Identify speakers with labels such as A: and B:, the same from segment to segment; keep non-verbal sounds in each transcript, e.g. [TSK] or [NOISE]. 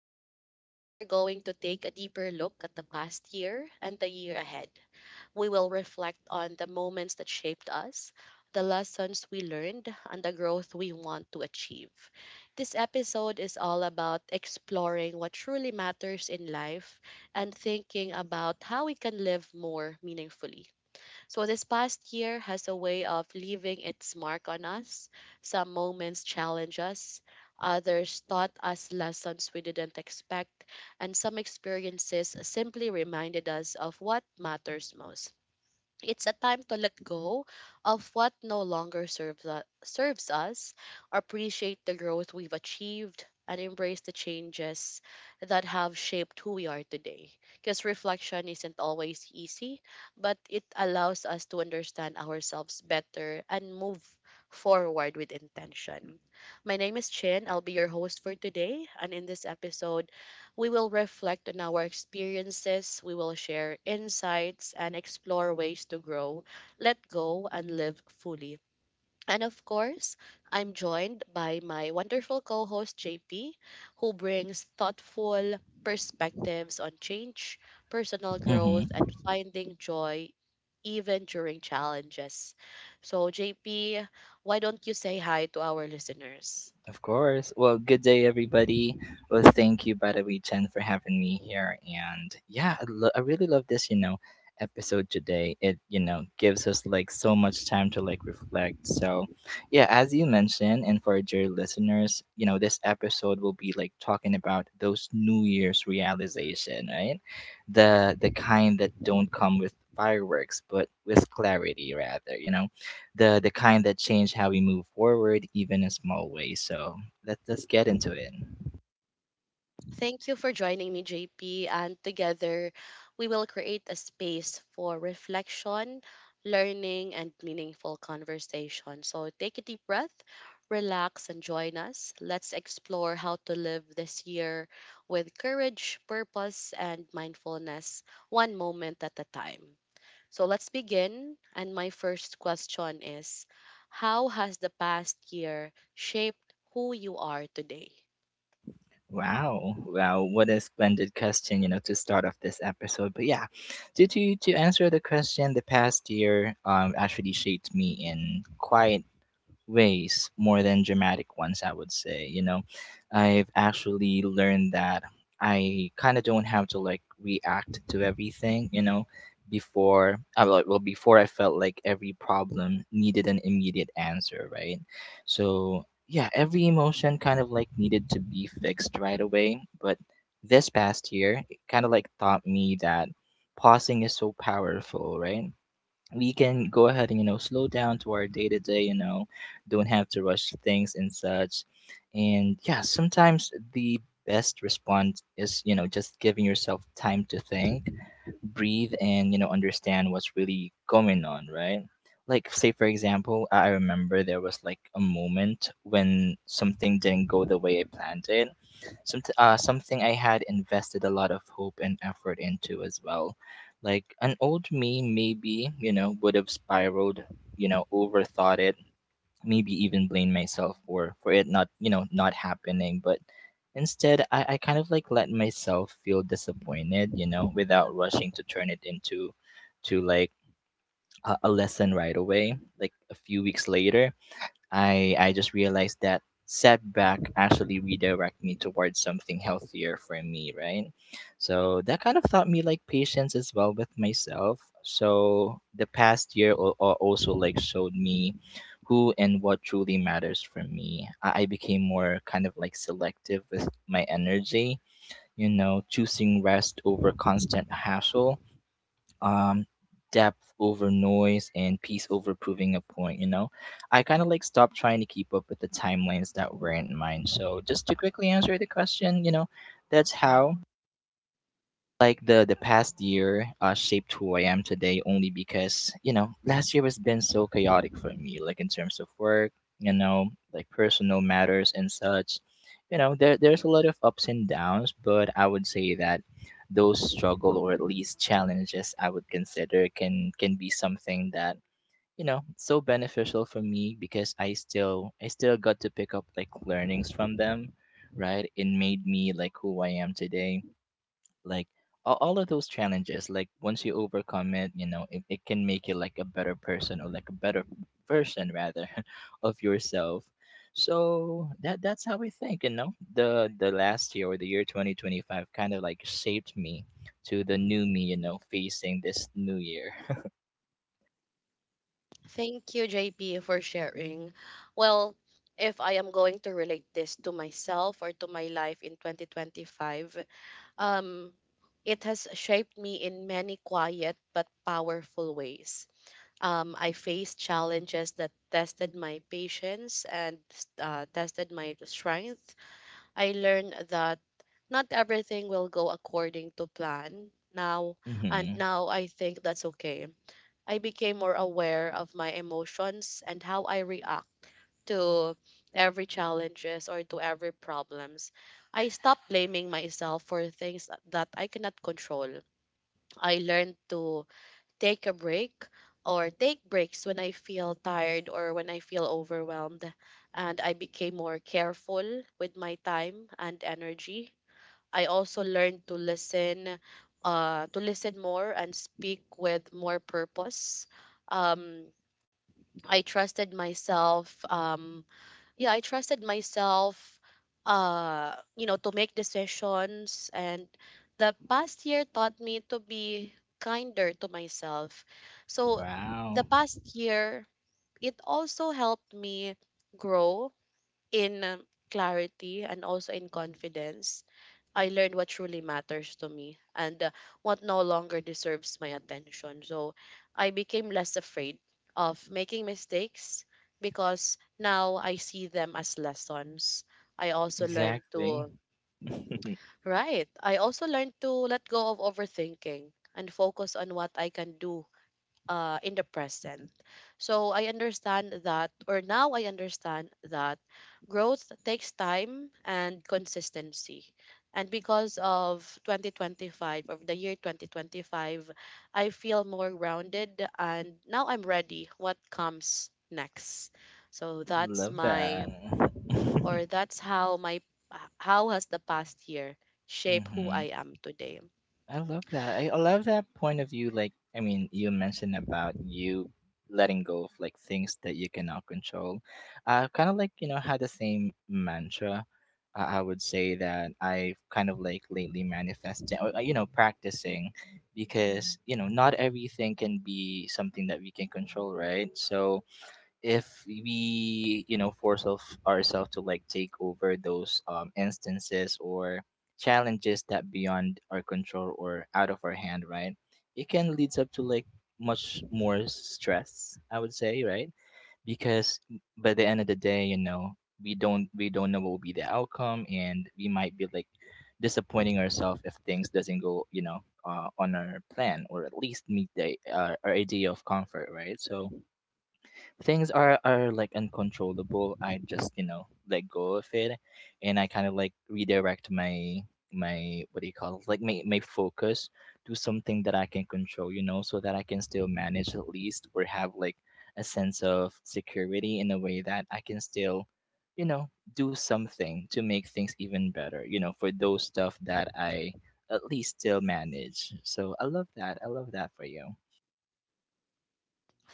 A: Today, we are going to take a deeper look at the past year and the year ahead. We will reflect on the moments that shaped us, the lessons we learned, and the growth we want to achieve. This episode is all about exploring what truly matters in life and thinking about how we can live more meaningfully. So this past year has a way of leaving its mark on us. Some moments challenge us, others taught us lessons we didn't expect, and some experiences simply reminded us of what matters most. It's a time to let go of what no longer serves us, appreciate the growth we've achieved, and embrace the changes that have shaped who we are today. Because reflection isn't always easy, but it allows us to understand ourselves better and move forward with intention. My name is Chin. I'll be your host for today. And in this episode, we will reflect on our experiences, we will share insights, and explore ways to grow, let go, and live fully. And of course, I'm joined by my wonderful co host, JP, who brings thoughtful perspectives on change, personal growth,
B: Mm-hmm.
A: and finding joy even during challenges. So, JP, why don't you say hi to our listeners?
B: Of course. Well, good day, everybody. Well, thank you, by the way, Jen, for having me here. And yeah, I really love this episode today. It gives us like so much time to like reflect. So, yeah, as you mentioned, and for dear listeners, you know, this episode will be like talking about those New Year's realization, right? The kind that don't come with fireworks, but with clarity, rather. You know the kind that change how we move forward, even in small ways. So let's get into it.
A: Thank you for joining me, JP, and together we will create a space for reflection, learning, and meaningful conversation. So take a deep breath, relax, and join us. Let's explore how to live this year with courage, purpose, and mindfulness, one moment at a time. So let's begin. And my first question is: how has the past year shaped who you are today?
B: Wow, what a splendid question, you know, to start off this episode. But yeah, to answer the question, the past year actually shaped me in quite ways more than dramatic ones, I would say. You know, I've actually learned that I kind of don't have to like react to everything. Well, before I felt like every problem needed an immediate answer, right? So, yeah, every emotion kind of like needed to be fixed right away. But this past year, it kind of like taught me that pausing is so powerful, right? We can go ahead and, you know, slow down to our day to day. You know, don't have to rush things and such. And yeah, sometimes the best response is, you know, just giving yourself time to think, breathe, and, you know, understand what's really going on, right? Like, say, for example, I remember there was like a moment when something didn't go the way I planned it. Something I had invested a lot of hope and effort into as well. Like an old me maybe, you know, would have spiraled, you know, overthought it, maybe even blame myself for it not, you know, not happening. But instead, I kind of like let myself feel disappointed, you know, without rushing to turn it into to like a lesson right away. Like a few weeks later, I just realized that setback actually redirect me towards something healthier for me, right? So that kind of taught me like patience as well with myself. So the past year also like showed me who and what truly matters for me. I became more kind of like selective with my energy, you know, choosing rest over constant hassle, um depth over noise, and peace over proving a point. You know, I kind of like stopped trying to keep up with the timelines that were in mind. So just to quickly answer the question, you know, that's how like the past year shaped who I am today, only because, you know, last year has been so chaotic for me, like in terms of work, you know, like personal matters and such. You know, there's a lot of ups and downs, but I would say that those struggle or at least challenges I would consider can be something that, you know, so beneficial for me because I still got to pick up like learnings from them, right? It made me like who I am today, like all of those challenges, like once you overcome it, you know, it can make you like a better person or like a better version rather [LAUGHS] of yourself. So that's how I think, you know, the last year or the year 2025 kind of like shaped me to the new me, you know, facing this new year.
A: Thank you, JP, for sharing. Well, if I am going to relate this to myself or to my life in 2025, um, it has shaped me in many quiet but powerful ways. I faced challenges that tested my patience and tested my strength. I learned that not everything will go according to plan now,
B: [LAUGHS]
A: and
B: Hmm.
A: now I think that's okay. I became more aware of my emotions and how I react to every challenges or to every problems. I stopped blaming myself for things that I cannot control. I learned to take a break or take breaks when I feel tired or when I feel overwhelmed, and I became more careful with my time and energy. I also learned to listen, to listen more and speak with more purpose. um I trusted myself. Yeah, I trusted myself. You know, to make decisions, and the past year taught me to be kinder to myself. So
B: Wow.
A: the past year, it also helped me grow in clarity and also in confidence. I learned what truly matters to me and what no longer deserves my attention. So I became less afraid of making mistakes because now I see them as lessons. I also learned
B: Exactly.
A: to Right. I also learned to let go of overthinking and focus on what I can do in the present. So I understand that, or now I understand that growth takes time and consistency. And because of 2025, of the year 2025, I feel more grounded and now I'm ready what comes next. So
B: [LAUGHS]
A: that's
B: Love
A: my,
B: that.
A: or that's how my, how has the past year shaped who
B: Hmm.
A: I am today.
B: I love that. I love that point of view. Like, I mean, you mentioned about you letting go of like things that you cannot control. I kind of like, you know, had the same mantra. I would say that I've kind of like lately manifesting, or, you know, practicing because, you know, not everything can be something that we can control, right? So, if we, you know, force of ourselves to like take over those instances or challenges that beyond our control or out of our hand, right, it can leads up to like much more stress, I would say, right? Because by the end of the day, you know, we don't know what will be the outcome, and we might be like disappointing ourselves if things doesn't go, you know, on our plan or at least meet the our idea of comfort, right? So things are like uncontrollable, I just, you know, let go of it. And I kind of like redirect my my what do you call it like my focus to something that I can control, you know, so that I can still manage at least or have like a sense of security in a way that I can still, you know, do something to make things even better, you know, for those stuff that I at least still manage. So I love that, I love that for you.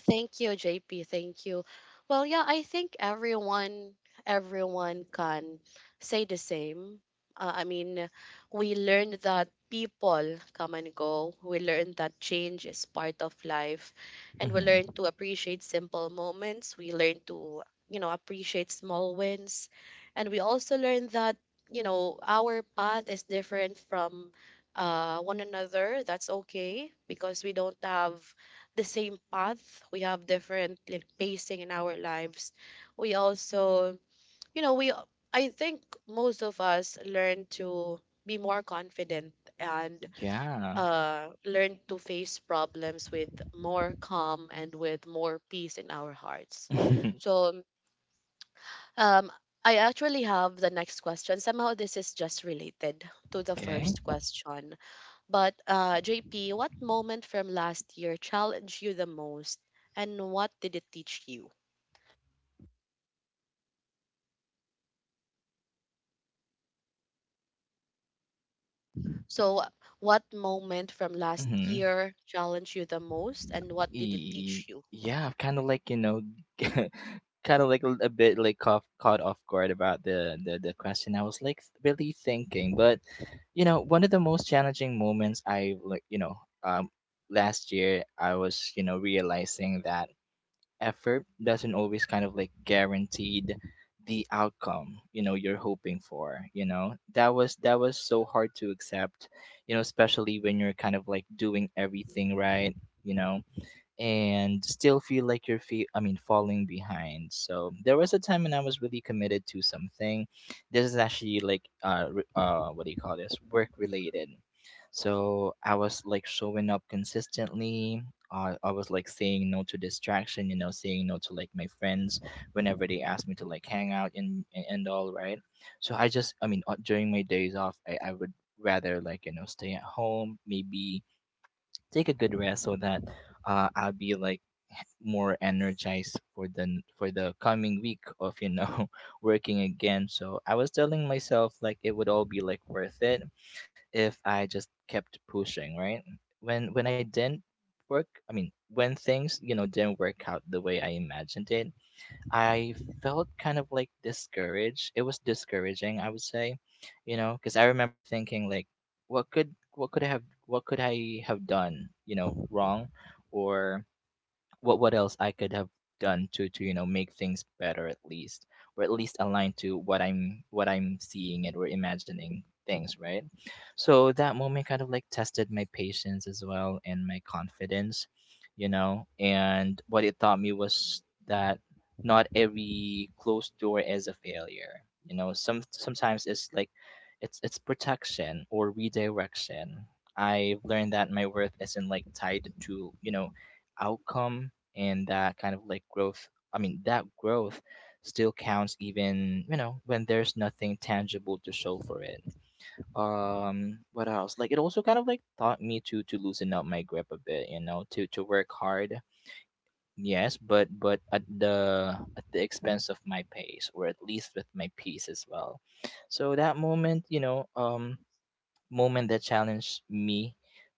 A: Thank you, JP. Thank you. Well, yeah, I think everyone can say the same. I mean, we learned that people come and go. We learned that change is part of life, and we learn
B: Hmm.
A: to appreciate simple moments. We learn to, you know, appreciate small wins, and we also learn that you know our path is different from one another. That's okay because we don't have the same path. We have different, like, pacing in our lives. We also, you know, we, I think most of us learn to be more confident and
B: Yeah.
A: learn to face problems with more calm and with more peace in our hearts.
B: [LAUGHS] Okay.
A: So um, I actually have the next question. Somehow this is just related to the first question. But JP, what moment from last year challenged you the most, and what did it teach you? So, what moment from last
B: Mm-hmm.
A: year challenged you the most, and what did it
B: E-
A: teach you?
B: yeah, I've kind of like you know, [LAUGHS] kind of like a bit like caught off guard about the question. I was like really thinking, but you know, one of the most challenging moments I like you know, um, last year I was, you know, realizing that effort doesn't always kind of like guaranteed the outcome, you know, you're hoping for. You know, that was so hard to accept, you know, especially when you're kind of like doing everything right, you know, and still feel like you're falling behind. So there was a time when I was really committed to something. This is actually like what do you call this? Work related. So I was like showing up consistently. I was like saying no to distraction, you know, saying no to like my friends whenever they asked me to like hang out and all, right? So I just, I mean, during my days off, I would rather like, you know, stay at home, maybe take a good rest so that I'll be like more energized for the coming week of, you know, [LAUGHS] working again. So I was telling myself like it would all be like worth it if I just kept pushing, right? When I didn't work I mean when things, you know, didn't work out the way I imagined it, I felt kind of like discouraged. It was discouraging, I would say. You know, because I remember thinking like what could I have done, you know, wrong, or what else I could have done to, you know, make things better at least, or at least align to what I'm seeing and or imagining things, right? So that moment kind of like tested my patience as well and my confidence, you know. And what it taught me was that not every closed door is a failure. You know, sometimes it's like it's protection or redirection. I've learned that my worth isn't like tied to, you know, outcome, and that kind of like growth I mean that growth still counts, even, you know, when there's nothing tangible to show for it. Um, what else, like it also kind of like taught me to loosen up my grip a bit, you know, to work hard, yes, but at the expense of my pace, or at least with my peace as well. So that moment, you know, um, moment that challenged me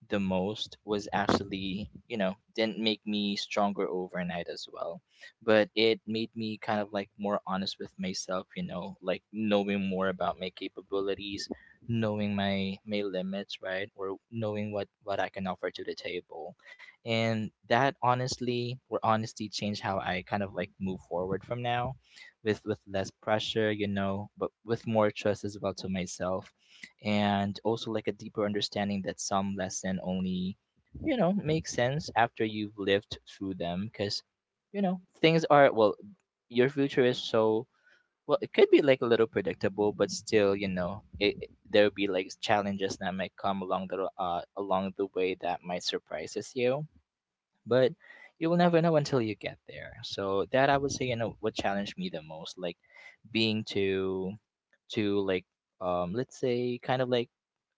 B: the most was actually, you know, didn't make me stronger overnight as well, but it made me kind of like more honest with myself, you know, like knowing more about my capabilities, knowing my limits, right? Or knowing what I can offer to the table. And that honestly, or honesty, changed how I kind of like move forward from now with less pressure, you know, but with more trust as well to myself and also like a deeper understanding that some lesson only you know makes sense after you've lived through them. Because you know things are, well, your future is so, well, it could be like a little predictable, but still you know there'll be like challenges that might come along along the way that might surprises you, but you will never know until you get there. So that I would say, you know, what challenged me the most, like being too, like, let's say kind of like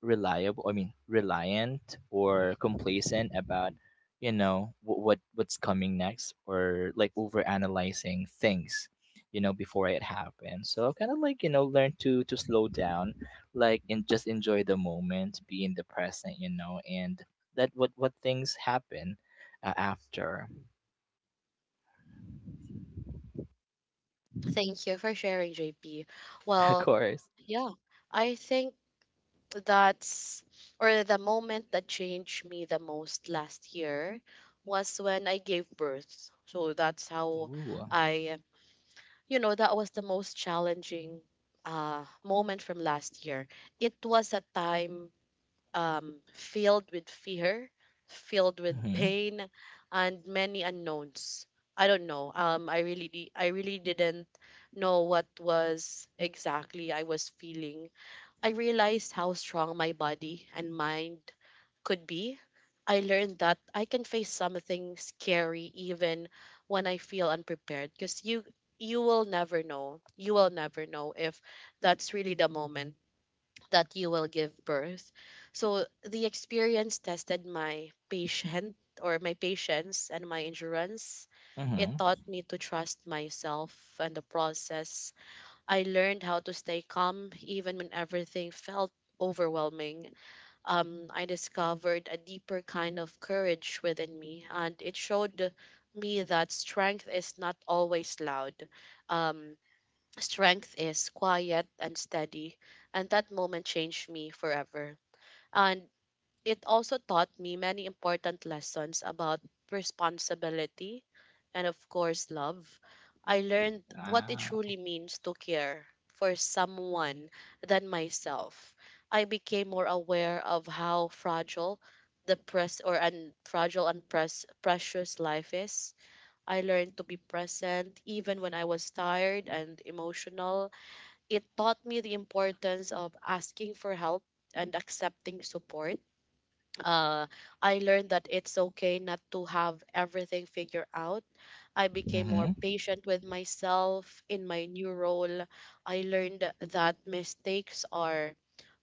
B: reliable, I mean reliant or complacent about you know what what's coming next, or like over analyzing things you know before it happened. So I've kind of like you know learn to slow down, like, and just enjoy the moment, be in the present, you know, and let what things happen uh, after,
A: Thank you for sharing, JP.
B: [LAUGHS] of
A: Well,
B: course.
A: yeah, I think that's, or the moment that changed me the most last year was when I gave birth. So that's how
B: Ooh.
A: I, you know, that was the most challenging moment from last year. It was a time filled with fear, filled with
B: Mhm.
A: pain, and many unknowns. I don't know, I really didn't know what was exactly I was feeling. I realized how strong my body and mind could be. I learned that I can face something scary even when I feel unprepared, because you will never know. You will never know if that's really the moment that you will give birth. So the experience tested my patient or my patience and my endurance. It
B: Mhm.
A: taught me to trust myself and the process. I learned how to stay calm even when everything felt overwhelming. I discovered a deeper kind of courage within me, and it showed me that strength is not always loud. Um, Strength is quiet and steady, and that moment changed me forever. And it also taught me many important lessons about responsibility and, of course, love. I learned what it
B: Wow.
A: truly means to care for someone than myself. I became more aware of how fragile the press or un- fragile and precious life is. I learned to be present even when I was tired and emotional. It taught me the importance of asking for help and accepting support. uh, I learned that it's okay not to have everything figured out. I became more
B: Mhm.
A: patient with myself in my new role. I learned that mistakes are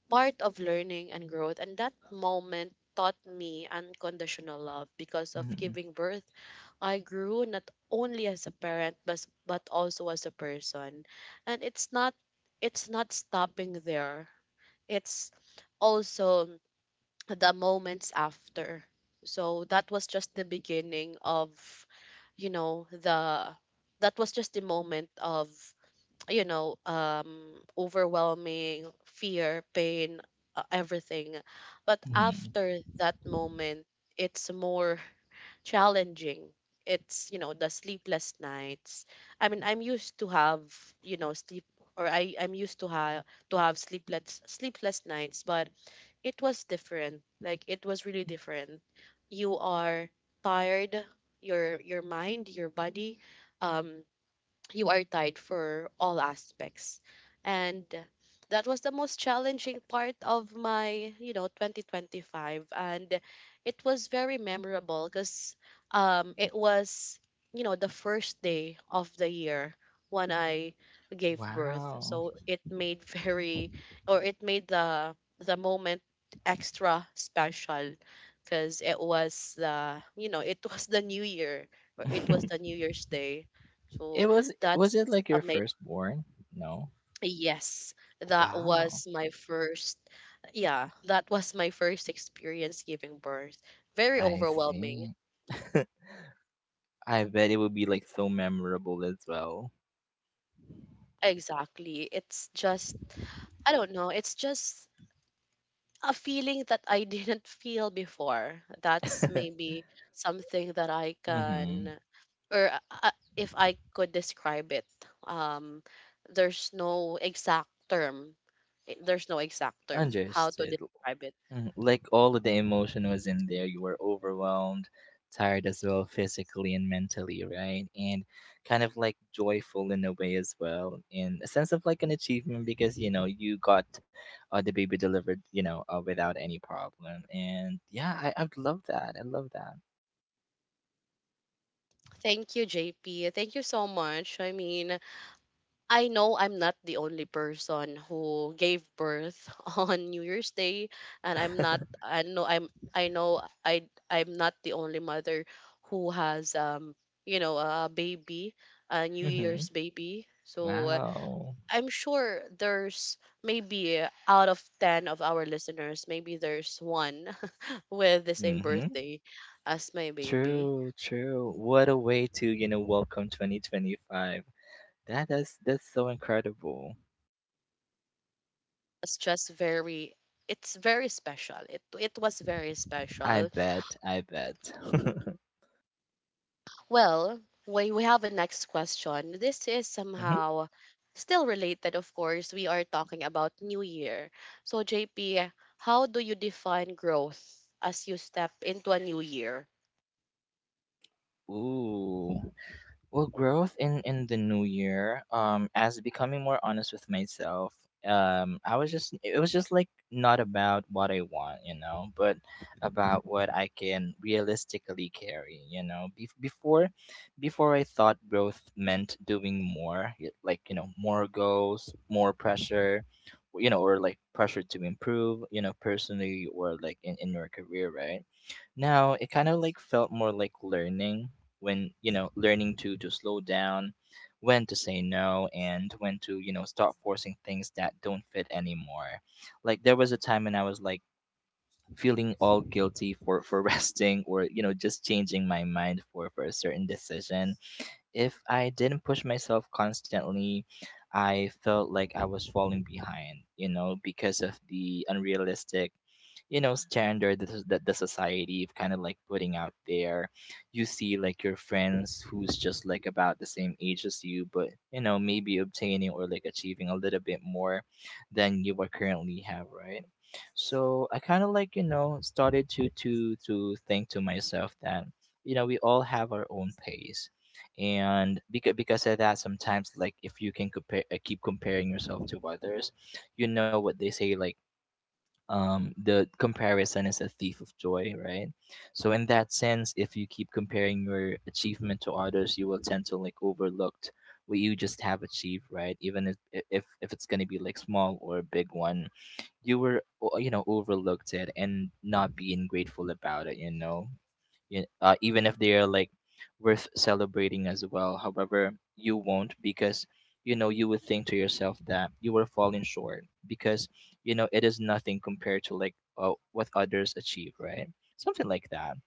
A: part of learning and growth, and that moment taught me unconditional love. Because of
B: Mhm.
A: giving birth, I grew not only as a parent, but also as a person. And it's not, it's not stopping there. It's also the moments after. So that was just the beginning of, you know, the that was just the moment of, you know, overwhelming fear, pain, everything. But
B: Mhm.
A: after that moment, it's more challenging. It's, you know, the sleepless nights. I mean, I'm used to have, you know, sleep, or I I'm used to have sleepless nights, but it was different. Like, it was really different. You are tired, your mind, your body. Um you are tied for all aspects. And that was the most challenging part of my, you know, 2025. And it was very memorable because it was, you know, the first day of the year when I gave birth.
B: Wow.
A: So it made very, or it made the moment extra special because it was the, you know, it was the new year, or it was the
B: [LAUGHS]
A: New Year's Day. So
B: it was it
A: that's
B: like your
A: amazing.
B: firstborn? No.
A: Yes, that
B: Wow.
A: was my first, yeah, that was my first experience giving birth. Very
B: I
A: overwhelming.
B: see. [LAUGHS] I bet it would be like so memorable as well.
A: Exactly. It's just, I don't know, it's just a feeling that I [LAUGHS] didn't feel before. That's
B: [LAUGHS]
A: maybe something that I
B: Mhm.
A: can, or if I could describe it, um, there's no exact term. There's no exact term how to
B: Understood.
A: describe it.
B: Mhm. Like all of the emotion was in there. You were overwhelmed, tired as well, physically and mentally, right? And kind of like joyful in a way as well, in a sense of like an achievement because you know you got the baby delivered, you know, without any problem. And yeah, I love that. I love that.
A: Thank you, JP. Thank you so much. I mean, I know I'm not the only person who gave birth [LAUGHS] on New Year's Day, and I'm not. I know I'm. I know I. I'm not the only mother who has You know, a baby, a New Year's
B: Mm-hmm.
A: baby. So
B: Wow.
A: I'm sure there's maybe out of 10 of our listeners, maybe there's one [LAUGHS] with the same
B: Mm-hmm.
A: birthday as my baby.
B: True, true. What a way to, you know, welcome 2025. That's so incredible.
A: Was just very, it's very special. It was very
B: I
A: special.
B: bet. I bet. [LAUGHS]
A: Well, we have a next question. This is
B: Mhm.
A: somehow still related, of course. We are talking about New Year. So JP, how do you define growth as you step into a new year?
B: Ooh. Well, growth in the new year, as becoming more honest with myself, I was just it was just like not about what I want, you know, but about what I can realistically carry, you know. Before I thought growth meant doing more, like you know, more goals, more pressure, you know, or like pressure to improve, you know, personally or like in your career, right? Now it kind of like felt more like learning when, you know, learning to slow down, when to say no, and when to you know start forcing things that don't fit anymore. Like there was a time when I was like feeling all guilty for [LAUGHS] resting or you know just changing my mind for a certain decision. If I didn't push myself constantly, I felt like I was falling behind, you know, because of the unrealistic, you know, standard that, the society of kind of like putting out there. You see like your friends who's just like about the same age as you, but, you know, maybe obtaining or like achieving a little bit more than you are currently have, right? So I kind of like, you know, started to think to myself that you know we all have our own pace. And because of that, sometimes like if you can compare, keep comparing yourself to others, you know what they say like, the comparison is a thief of joy, right? So in that sense, if you keep comparing your achievement to others, you will tend to like overlooked what you just have achieved, right? Even if if it's going to be like small or a big one, you were you know overlooked it and not being grateful about it, you know, even if they are like worth celebrating as well. However, you won't, because you know you would think to yourself that you were falling short, because you know it is nothing compared to like, what others achieve, right? Something like that.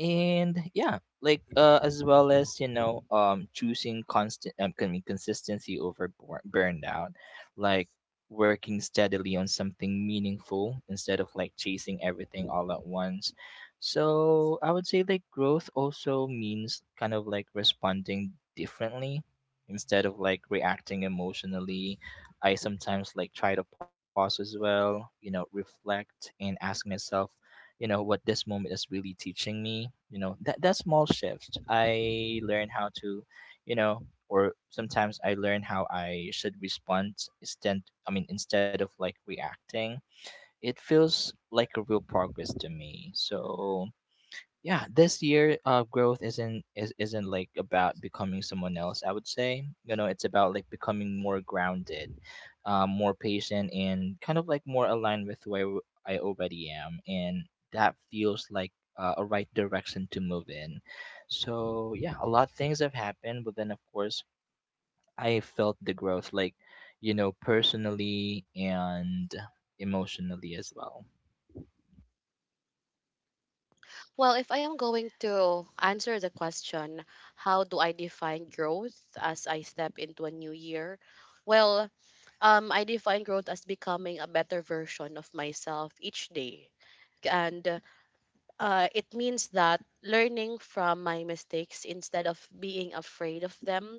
B: And yeah, like as well as you know choosing consistency over burnout, like working steadily on something meaningful instead of like chasing everything all at once. So I would say like growth also means kind of like responding differently instead of like reacting emotionally. I sometimes like try to pause as well, you know, reflect and ask myself, you know, what this moment is really teaching me. You know, that that small shift, I learn how to, you know, or sometimes I learn how I should respond instead, I mean, instead of like reacting. It feels like a real progress to me. So yeah, this year, uh, growth isn't like about becoming someone else. I would say, you know, it's about like becoming more grounded, more patient and kind of like more aligned with I already am. And that feels like a right direction to move in. So yeah, a lot of things have happened, but then of course I felt the growth like, you know, personally and emotionally as well.
A: Well, if I am going to answer the question, how do I define growth as I step into a new year? Well, I define growth as becoming a better version of myself each day. And it means that learning from my mistakes instead of being afraid of them,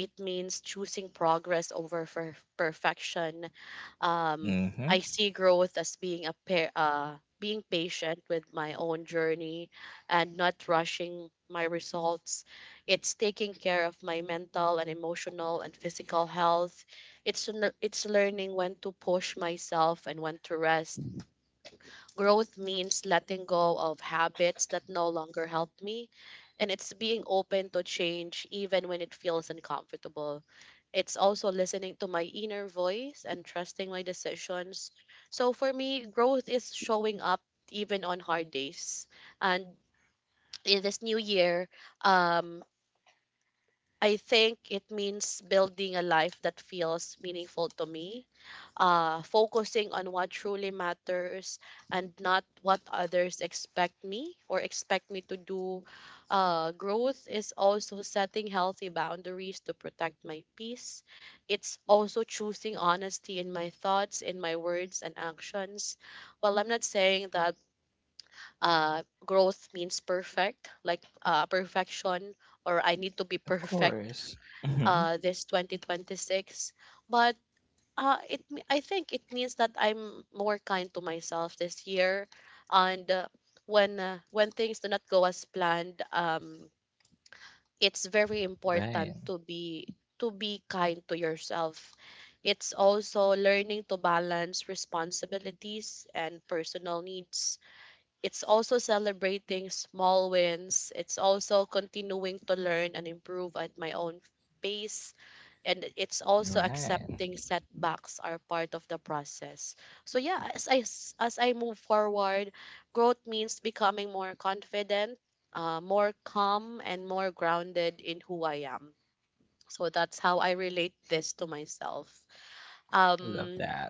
A: it means choosing progress over perfection. um,
B: Mm-hmm.
A: I see growth as being a pair, being patient with my own journey and not rushing my results. It's taking care of my mental and emotional and physical health. It's it's learning when to push myself and when to rest. Growth means letting go of habits that no longer help me, and it's being open to change even when it feels uncomfortable. It's also listening to my inner voice and trusting my decisions. So for me, growth is showing up even on hard days. And in this new year, um, I think it means building a life that feels meaningful to me, focusing on what truly matters and not what others expect me to do. Growth is also setting healthy boundaries to protect my peace. It's also choosing honesty in my thoughts, in my words and actions. Well, I'm not saying that growth means perfect, like perfection, or I need to be [LAUGHS]
B: Of
A: perfect
B: course. [LAUGHS]
A: this 2026. But I think it means that I'm more kind to myself this year, and when things do not go as planned, it's very
B: Right.
A: important to be kind to yourself. It's also learning to balance responsibilities and personal needs. It's also celebrating small wins. It's also continuing to learn and improve at my own pace. And it's also
B: Right.
A: accepting setbacks are part of the process. So yeah, as I move forward, growth means becoming more confident, more calm, and more grounded in who I am. So that's how I relate this to myself.
B: Love
A: Um,
B: that.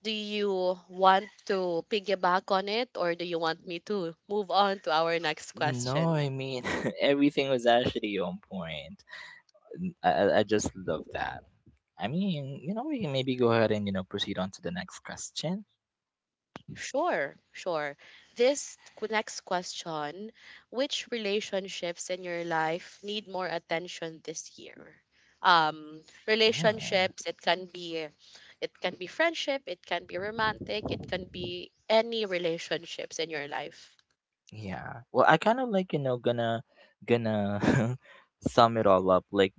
A: do you want to piggyback on it or do you want me to move on to our next
B: No,
A: question?
B: I mean, [LAUGHS] everything was actually on point. I just love that. I mean, you know, we can maybe go ahead and, you know, proceed on to the next question.
A: Sure, sure. Next question. Which relationships in your life need more attention this year?
B: Mm,
A: Relationships, it can be friendship, it can be romantic, it can be any relationships in your life.
B: yeah. Well, I kind of like, you know, gonna [LAUGHS] sum it all up. Like,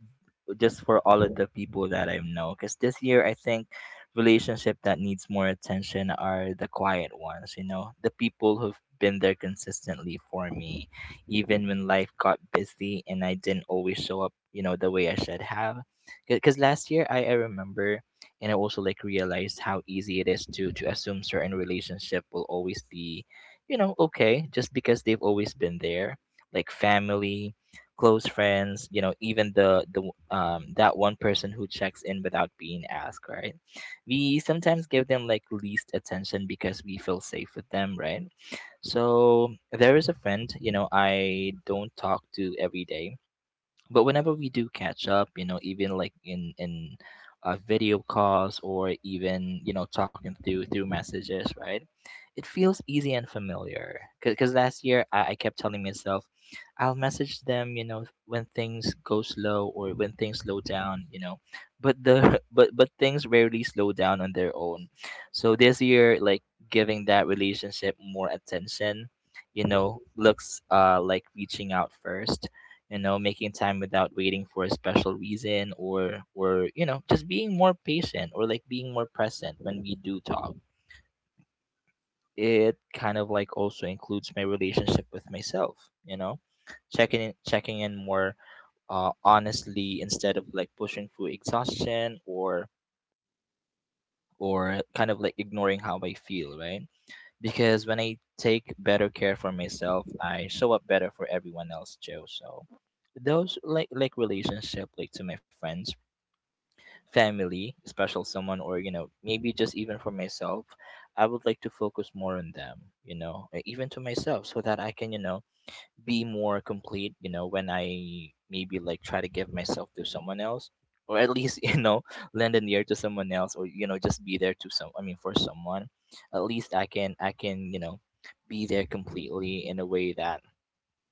B: just for all of the people that I know. Because this year, I think relationship that needs more attention are the quiet ones. You know, the people who've been there consistently for me, even when life got busy and I didn't always show up, you know, the way I should have. Because last year, I remember. And I also like realized how easy it is to assume certain relationship will always be, you know, okay, just because they've always been there, like family, close friends, you know, even that one person who checks in without being asked, right? We sometimes give them like least attention because we feel safe with them, right? So there is a friend, you know, I don't talk to every day, but whenever we do catch up, you know, even like in video calls, or even you know talking through messages, right? It feels easy and familiar. Because last year I kept telling myself, I'll message them, you know, when things go slow or when things slow down, you know. But the [LAUGHS] but things rarely slow down on their own. So this year, like giving that relationship more attention, you know, looks like reaching out first. You know, making time without waiting for a special reason, or you know, just being more patient or like being more present when we do talk. It kind of like also includes my relationship with myself, you know, checking in, checking in more honestly instead of like pushing through exhaustion, or kind of like ignoring how I feel, right? Because when I take better care for myself, I show up better for everyone else, Joe. So those like relationship like to my friends, family, special someone, or, you know, maybe just even for myself, I would like to focus more on them, you know, e- even to myself, so that I can, you know, be more complete, you know, when I maybe like try to give myself to someone else, or at least, [LAUGHS] you know, lend an ear to someone else, or you know, just be there to some, I mean, for someone. At least I can, you know, be there completely in a way that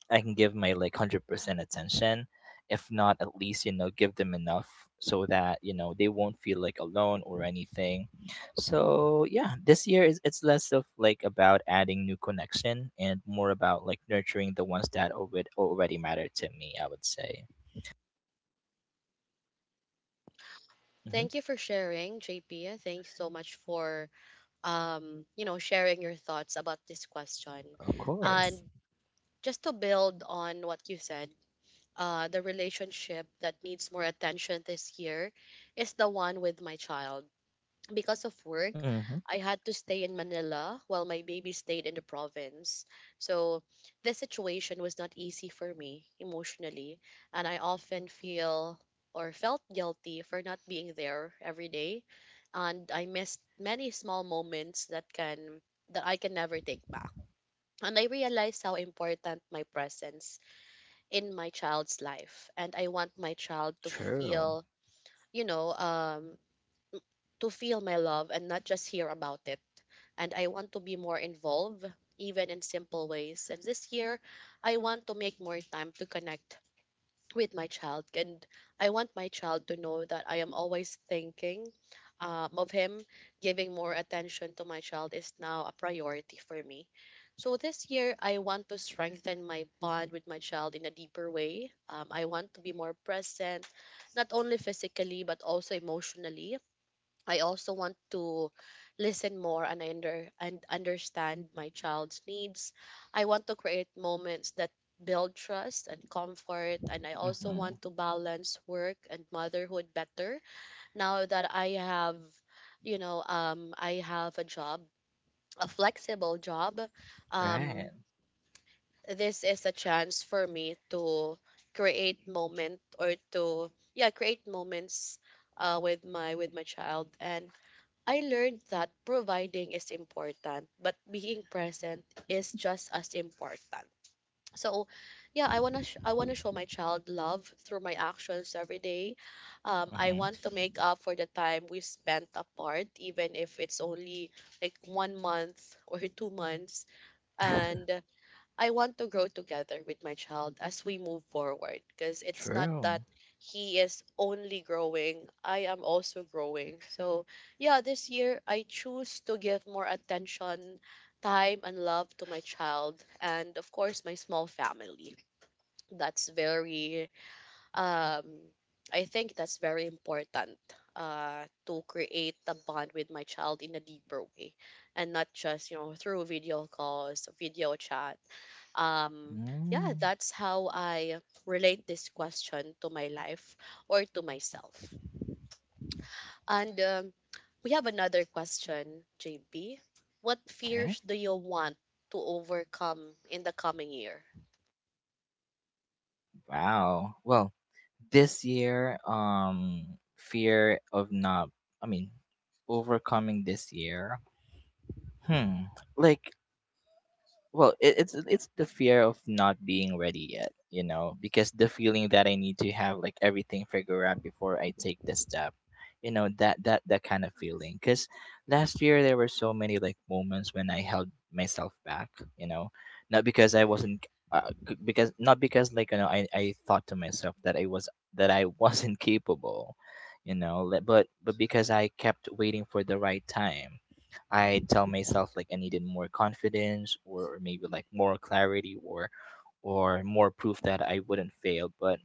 B: I can give my like 100% attention. If not, at least, you know, give them enough so that, you know, they won't feel like alone or anything. So yeah, this year is it's less of like about adding new connection and more about like nurturing the ones that already matter to me, I would say. Hmm.
A: Thank you for sharing, JP. Thanks so much for you know, sharing your thoughts about this question.
B: Of
A: And
B: course.
A: just to build on what you said, the relationship that needs more attention this year is the one with my child. Because of work,
B: Mm-hmm.
A: I had to stay in Manila while my baby stayed in the province. So the situation was not easy for me emotionally, and I often feel or felt guilty for not being there every day, and I missed many small moments that I can never take back. And I realized how important my presence in my child's life, and I want my child to
B: True.
A: feel, you know, to feel my love and not just hear about it. And I want to be more involved, even in simple ways. And this year, I want to make more time to connect with my child. And I want my child to know that I am always thinking of him. Giving more attention to my child is now a priority for me. So this year, I want to strengthen my bond with my child in a deeper way. I want to be more present, not only physically, but also emotionally. I also want to listen more and understand my child's needs. I want to create moments that build trust and comfort, and I also
B: Mm-hmm.
A: want to balance work and motherhood better now that I have, you know, I have a job, a flexible job. Um,
B: Right.
A: this is a chance for me to create moment or to yeah, create moments with my child. And I learned that providing is important, but being present is just as important. So, yeah, I wanna show my child love through my actions every day. I
B: Mm-hmm.
A: want to make up for the time we spent apart, even if it's only like 1 month or [LAUGHS] 2 months. And I want to grow together with my child as we move forward, because it's not that
B: True.
A: he is only growing, I am also growing. So, yeah, this year I choose to give more attention, time, and love to my child and, of course, my small family. That's very, um, I think that's very important, to create a bond with my child in a deeper way and not just, you know, through video calls, video chat. Um, yeah,
B: Mm.
A: that's how I relate this question to my life or to myself. And we have another question, JB. What
B: Okay.
A: fears do you want to overcome in the coming year?
B: Wow. Well, this year, fear of not, I mean, overcoming this year. Hmm. Like, well it's the fear of not being ready yet, you know, because the feeling that I need to have like everything figured out before I take the step. You know, that kind of feeling. Because last year there were so many like moments when I held myself back, you know, not because I wasn't because not because like, you know, I thought to myself that I was that I [LAUGHS] wasn't capable, you know, but because I kept waiting for the right time. I tell myself like I needed more confidence, or maybe like more clarity, or more proof that I wouldn't fail. But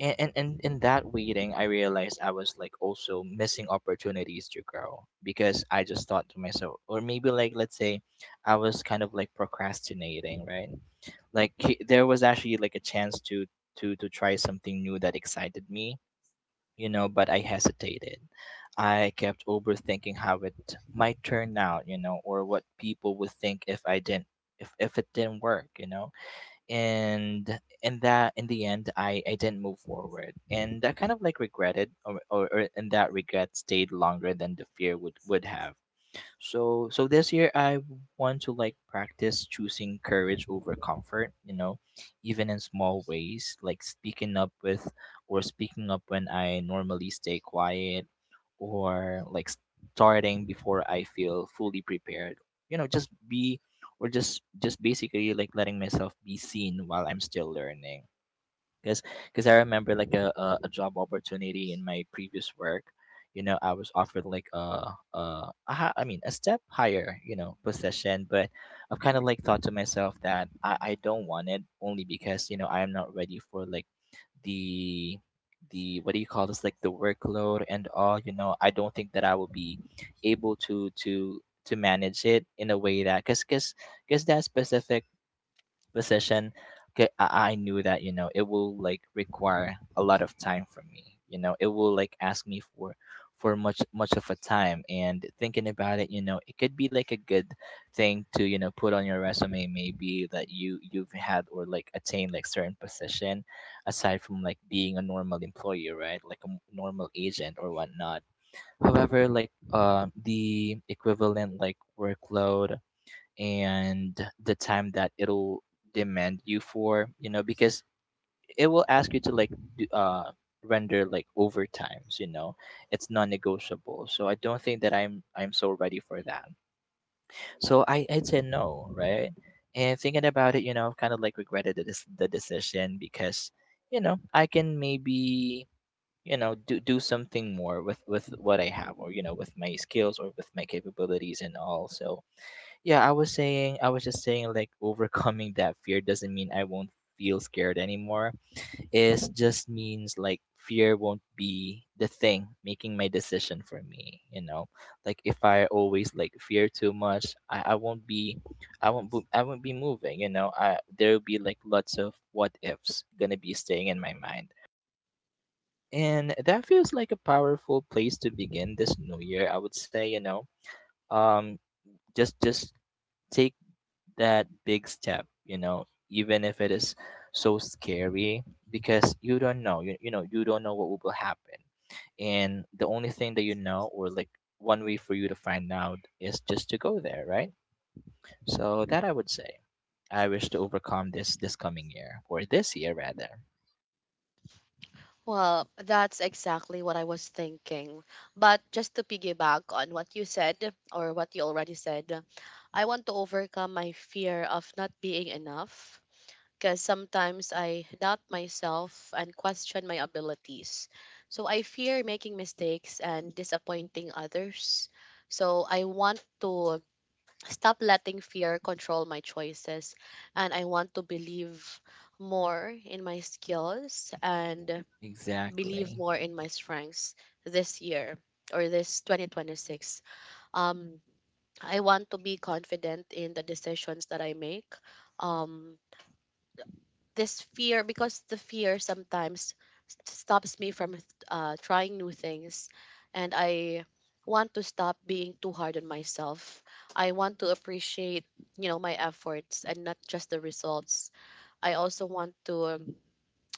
B: and in that waiting, I realized I was like also missing opportunities to grow, because I just thought to myself, or maybe like let's say, I was kind of like procrastinating, right? Like there was actually like a chance to try something new that excited me, you know, but I hesitated. I kept overthinking how it might turn out, you know, or what people would think if I didn't, if it didn't work, you know. And in that in the end I didn't move forward. And I kind of like regretted, or and that regret stayed longer than the fear would have. So so this year I want to like practice choosing courage over comfort, you know, even in small ways, like speaking up with, or speaking up when I normally stay quiet, or like starting before I feel fully prepared. You know, just be, or just basically like letting myself be seen while I'm still learning. because because I remember like a job opportunity in my previous work. You know, I was offered like I mean a step higher, you know, position. But I've kind of like thought to myself that I don't want it, only because, you know, I am not ready for, like, the the what do you call this, like the workload and all. You know, I don't think that I will be able to manage it in a way that, because that specific position, 'kay, I knew that, you know, it will like require a lot of time from me. You know, it will like ask me for much of a time. And thinking about it, you know, it could be like a good thing to, you know, put on your resume, maybe, that you've had or like attained like certain position, aside from like being a normal employee, right? Like a normal agent or whatnot. However, like the equivalent, like, workload and the time that it'll demand you for, you know, because it will ask you to like do, uh render like overtimes, you know. It's non-negotiable, so I don't think that I'm so ready for that, so I'd say no, right? And thinking about it, you know, I've kind of like regretted the decision, because, you know, I can maybe, you know, do something more with what I have, or, you know, with my skills, or with my capabilities and all. So yeah, I was just saying, like, overcoming that fear doesn't mean I won't feel scared anymore. It just means, like, fear won't be the thing making my decision for me, you know? Like, if I always, like, fear too much, I won't be moving, you know? There'll be, like, lots of what ifs gonna be staying in my mind. And that feels like a powerful place to begin this new year, I would say, you know? Um, just, take that big step, you know, even if it is so scary, because you don't know what will happen. And the only thing that, you know, or, like, one way for you to find out, is just to go there, right? So that, I would say, I wish to overcome this coming year, or this year rather.
A: Well, that's exactly what I was thinking. But just to piggyback on what you said or what you already said, I want to overcome my fear of not being enough, because sometimes I doubt myself and question my abilities. So I fear making mistakes and disappointing others. So I want to stop letting fear control my choices, and I want to believe more in my skills and believe
B: Exactly.
A: more in my strengths this year or this 2026. um I want to be confident in the decisions that I make. um this fear, because the fear sometimes stops me from trying new things. And I want to stop being too hard on myself. I want to appreciate, you know, my efforts and not just the results. I also want to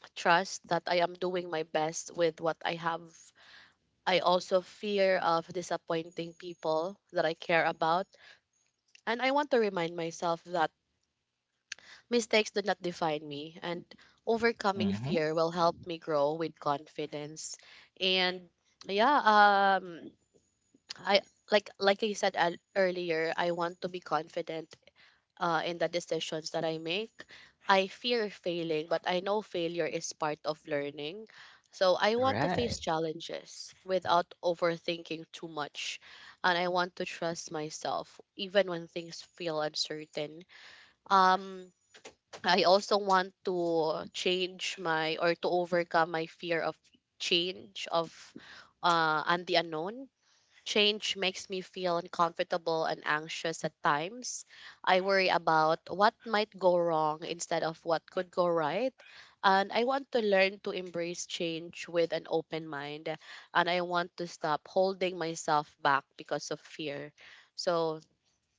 A: [TSK] trust that I am doing my best with what I have. I also fear of disappointing people that I care about, and I want to remind myself that mistakes did not define me, and overcoming
B: Mm-hmm.
A: fear will help me grow with confidence. And yeah, um, I, like I said earlier, I want to be confident in the decisions that I make. I fear failing, but I know failure is part of learning. So I want to
B: Right.
A: face challenges without overthinking too much, and I want to trust myself even when things feel uncertain. Um, I also want to change my or to overcome my fear of change, of and the unknown. Change makes me feel uncomfortable and anxious at times. I worry about what might go wrong instead of what could go right. And I want to learn to embrace change with an open mind. And I want to stop holding myself back because of fear. So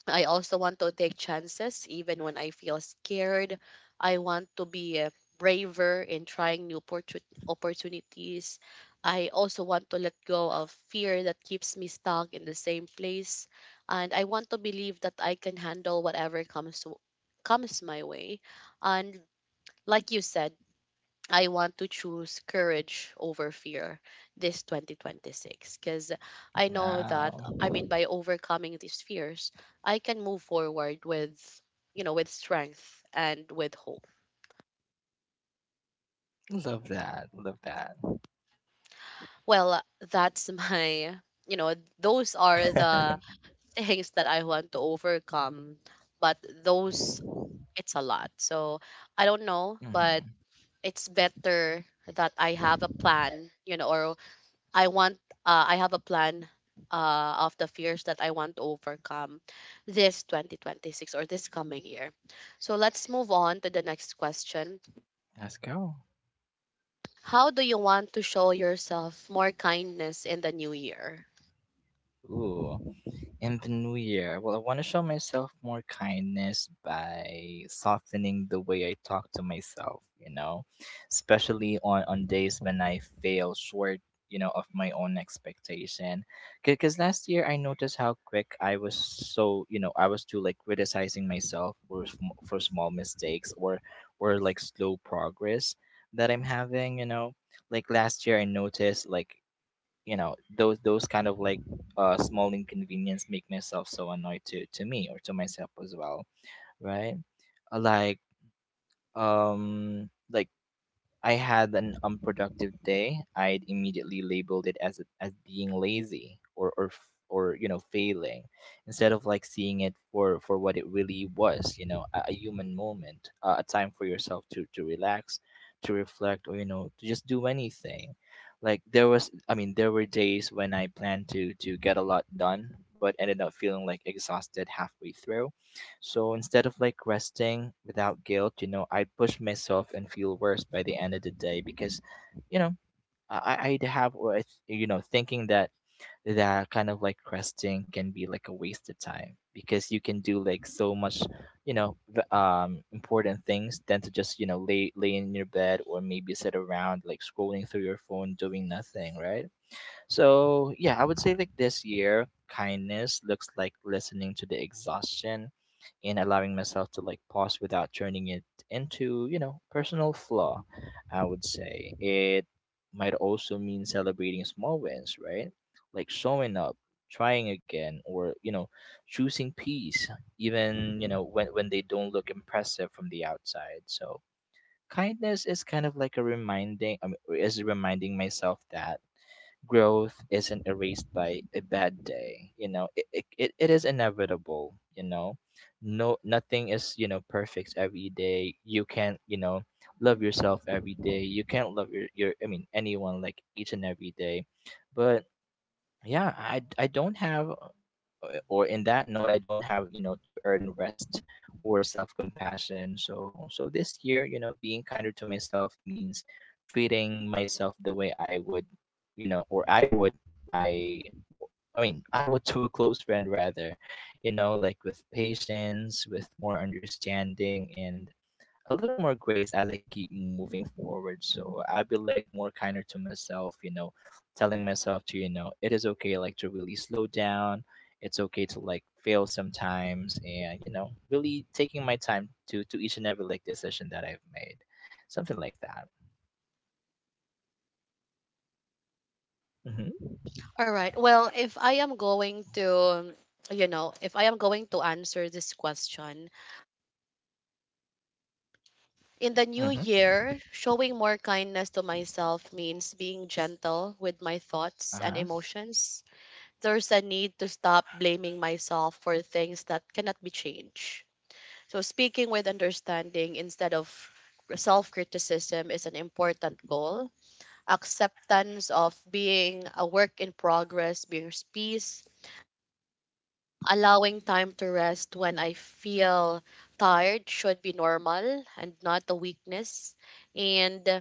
A: I also want to take chances even when I feel scared. I want to be braver in trying new opportunities. I also want to let go of fear that keeps me stuck in the same place. And I want to believe that I can handle whatever comes my way. And like you said, I want to choose courage over fear this 2026, because I know that,
B: Wow.
A: I mean, by overcoming these fears, I can move forward with, you know, with strength and with hope.
B: Love that, love that.
A: Well, that's [LAUGHS] my, you know, those are the things that I want to overcome, but those, it's a lot. So I don't know, but
B: Mm-hmm.
A: it's better that I have a plan, you know, or I want, I have a plan of the fears that I want to overcome this 2026 or this coming year. So let's move on to the next question.
B: Let's go.
A: How do you want to show yourself more kindness in the new year?
B: Ooh. In the new year, well, I want to show myself more kindness by softening the way I talk to myself, you know, especially on days when I fail short, you know, of my own expectation. Because last year I noticed how quick I was, so, you know, I was too like criticizing myself for small mistakes, or like slow progress that I'm having, you know. Like last year I noticed like, you know, those kind of like small inconvenience make myself so annoyed to me, or to myself as well, right? Uh, like like, I had an unproductive day, I'd immediately labeled it as being lazy or failing, instead of like seeing it for what it really was, you know, a human moment, a time for yourself to relax, to reflect, or, you know, to just do anything. Like there was, I mean, there were days when I planned to get a lot done, but ended up feeling like exhausted halfway through, so instead of like resting without guilt, you know, I push myself and feel worse by the end of the day, because, you know, I I'd have or I th- you know thinking that that kind of like resting can be like a waste of time, because you can do like so much, you know, important things than to just, you know, lay in your bed, or maybe sit around like scrolling through your phone doing nothing, right? So yeah, I would say, like, this year, kindness looks like listening to the exhaustion and allowing myself to like pause without turning it into, you know, personal flaw. I would say it might also mean celebrating small wins, right? Like showing up, trying again, or, you know, choosing peace, even, you know, when they don't look impressive from the outside. So, kindness is kind of like a reminding, I mean, is reminding myself that growth isn't erased by a bad day, you know, it is inevitable, you know, no nothing is, you know, perfect every day. You can't, you know, love yourself every day. You can't love your I mean anyone, like, each and every day. But yeah, I don't have or, in that note, I don't have, you know, to earn rest or self-compassion. So this year, you know, being kinder to myself means treating myself the way I would you know or I would I I mean I would [LAUGHS] to a close friend rather, you know, like with patience, with more understanding, and a little more grace as I keep moving forward. So I'll be like more kinder to myself, you know, telling myself to, you know, it is okay, like, to really slow down. It's okay to like fail sometimes and, you know, really taking my time to each and every like decision that I've made. Something like that. Mm-hmm.
A: All right. Well, if I am going to you know, if I am going to answer this question, in the new
B: Mm-hmm.
A: year, showing more kindness to myself means being gentle with my thoughts and
B: Uh-huh.
A: emotions. There's a need to stop blaming myself for things that cannot be changed. So, speaking with understanding instead of self criticism is an important goal. Acceptance of being a work in progress brings peace. Allowing time to rest when I feel tired should be normal and not a weakness. And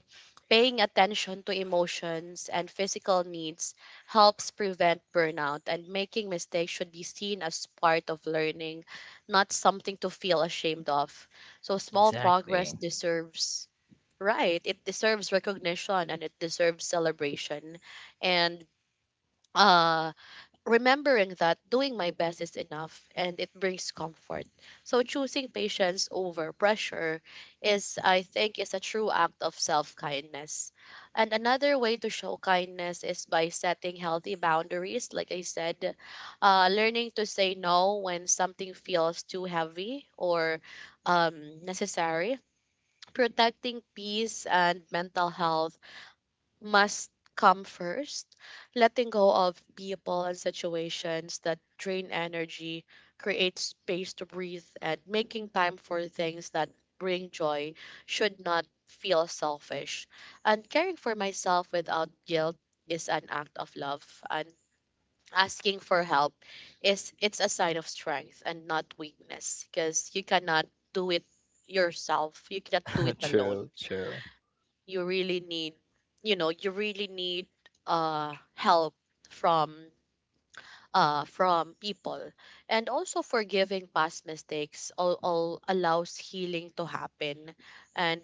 A: paying attention to emotions and physical needs helps prevent burnout. And making mistakes should be seen as part of learning, not something to feel ashamed of. So small progress
B: Exactly.
A: deserves. Right, it deserves recognition and it deserves celebration. And uh remembering that doing my best is enough, and it brings comfort. So choosing patience over pressure is, I think, is a true act of self-kindness. And another way to show kindness is by setting healthy boundaries, like I said, learning to say no when something feels too heavy or necessary. Protecting peace and mental health must come first, letting go of people and situations that drain energy, create space to breathe, and making time for things that bring joy should not feel selfish. And caring for myself without guilt is an act of love. And asking for help is, it's a sign of strength and not weakness, because you cannot do it yourself. You cannot do it
B: [LAUGHS]
A: alone.
B: True, true.
A: You really need, you know, you really need help from from people. And also forgiving past mistakes, all allows healing to happen. And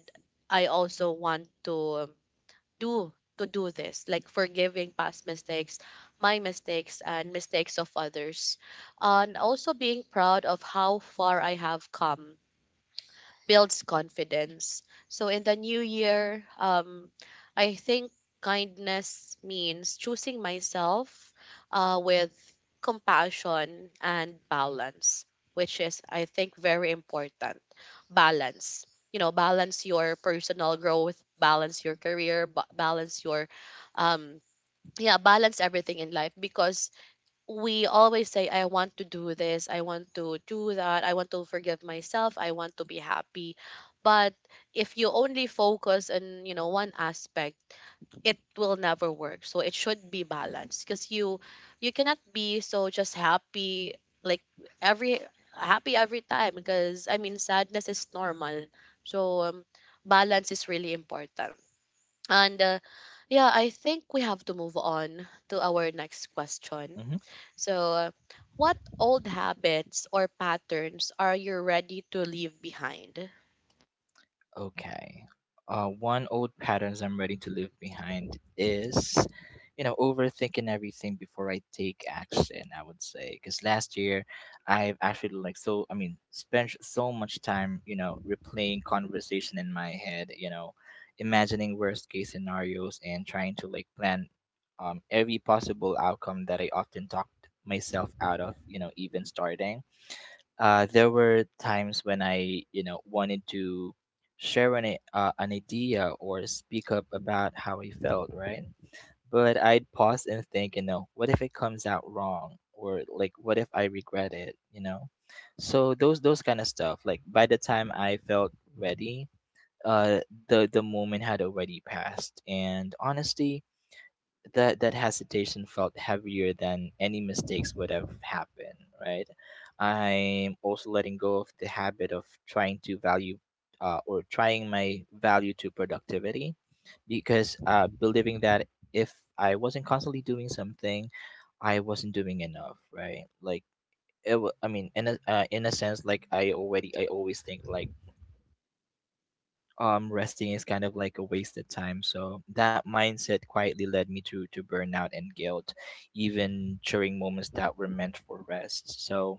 A: I also want to do do this, like forgiving past mistakes, my mistakes and mistakes of others. And also being proud of how far I have come builds confidence. So in the new year, I think kindness means choosing myself with compassion and balance, which is, I think, very important. Balance. You know, balance your personal growth, balance your career, balance your, um, yeah, balance everything in life because we always say I want to do this, I want to do that, I want to forgive myself, I want to be happy. But if you only focus on, one aspect, it will never work, so it should be balanced. Because you cannot be so just happy, like every happy every time. Because, I mean, sadness is normal. So balance is really important. And yeah, I think we have to move on to our next question.
B: Mm-hmm.
A: So, what old habits or patterns are you ready to leave behind?
B: Okay. One old patterns I'm ready to leave behind is, you know, overthinking everything before I take action. I would say, because last year I've actually like, so I mean, spent so much time, you know, replaying conversation in my head, you know, imagining worst case scenarios and trying to like plan every possible outcome that I often talked myself out of, you know, even starting. There were times when I, you know, wanted to share an idea, or speak up about how I felt, right? But I'd pause and think, you know, what if it comes out wrong, or, like, what if I regret it, you know? So those kind of stuff. Like by the time I felt ready, uh, the moment had already passed, and honestly, that hesitation felt heavier than any mistakes would have happened, right? I'm also letting go of the habit of trying to value, or trying my value to productivity, because, believing that if I wasn't constantly doing something, I wasn't doing enough, right? Like, I mean, in a sense, like, I always think like resting is kind of like a wasted time, so that mindset quietly led me to burnout and guilt even during moments that were meant for rest. So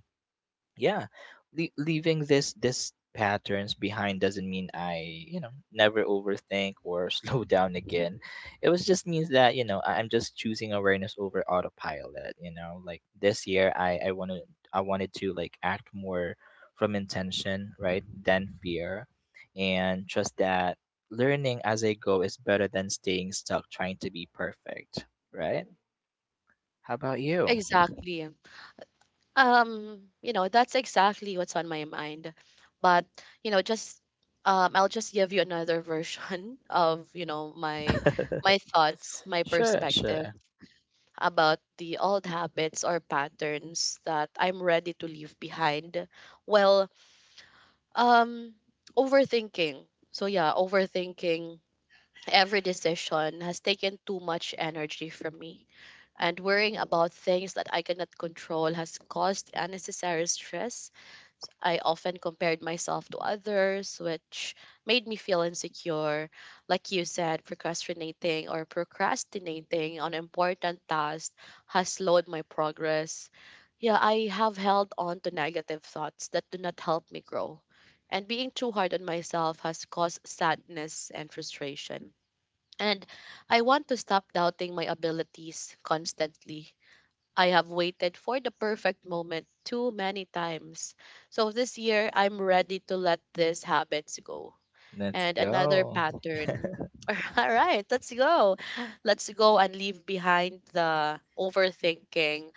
B: yeah, Leaving this patterns behind doesn't mean I, you know, never overthink or [LAUGHS] slow down again. It was just means that, you know, I'm just choosing awareness over autopilot, you know. Like this year, I wanted to like act more from intention, right, than fear, and trust that learning as I go is better than staying stuck trying to be perfect, right? How about you?
A: Exactly. That's exactly what's on my mind. But, just I'll just give you another version [LAUGHS] of, my
B: [LAUGHS]
A: my thoughts, my
B: Sure,
A: perspective
B: sure.
A: about the old habits or patterns that I'm ready to leave behind. Well, um overthinking. So yeah, overthinking. Every decision has taken too much energy from me, and worrying about things that I cannot control has caused unnecessary stress. I often compared myself to others, which made me feel insecure. Like you said, procrastinating on important tasks has slowed my progress. Yeah, I have held on to negative thoughts that do not help me grow. And being too hard on myself has caused sadness and frustration. And I want to stop doubting my abilities constantly. I have waited for the perfect moment too many times. So this year, I'm ready to let these habits go.
B: Let's
A: And another
B: go.
A: pattern. [LAUGHS] All right, let's go. Let's go and leave behind the overthinking.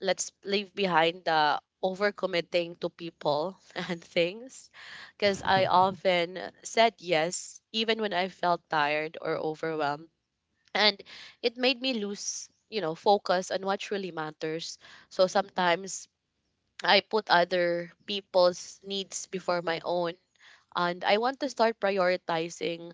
A: Let's leave behind the overcommitting to people [LAUGHS] and things. Because I
B: [LAUGHS]
A: often said yes, even when I felt tired or overwhelmed, and it made me lose, focus on what really matters. So sometimes I put other people's needs before my own, and I want to start prioritizing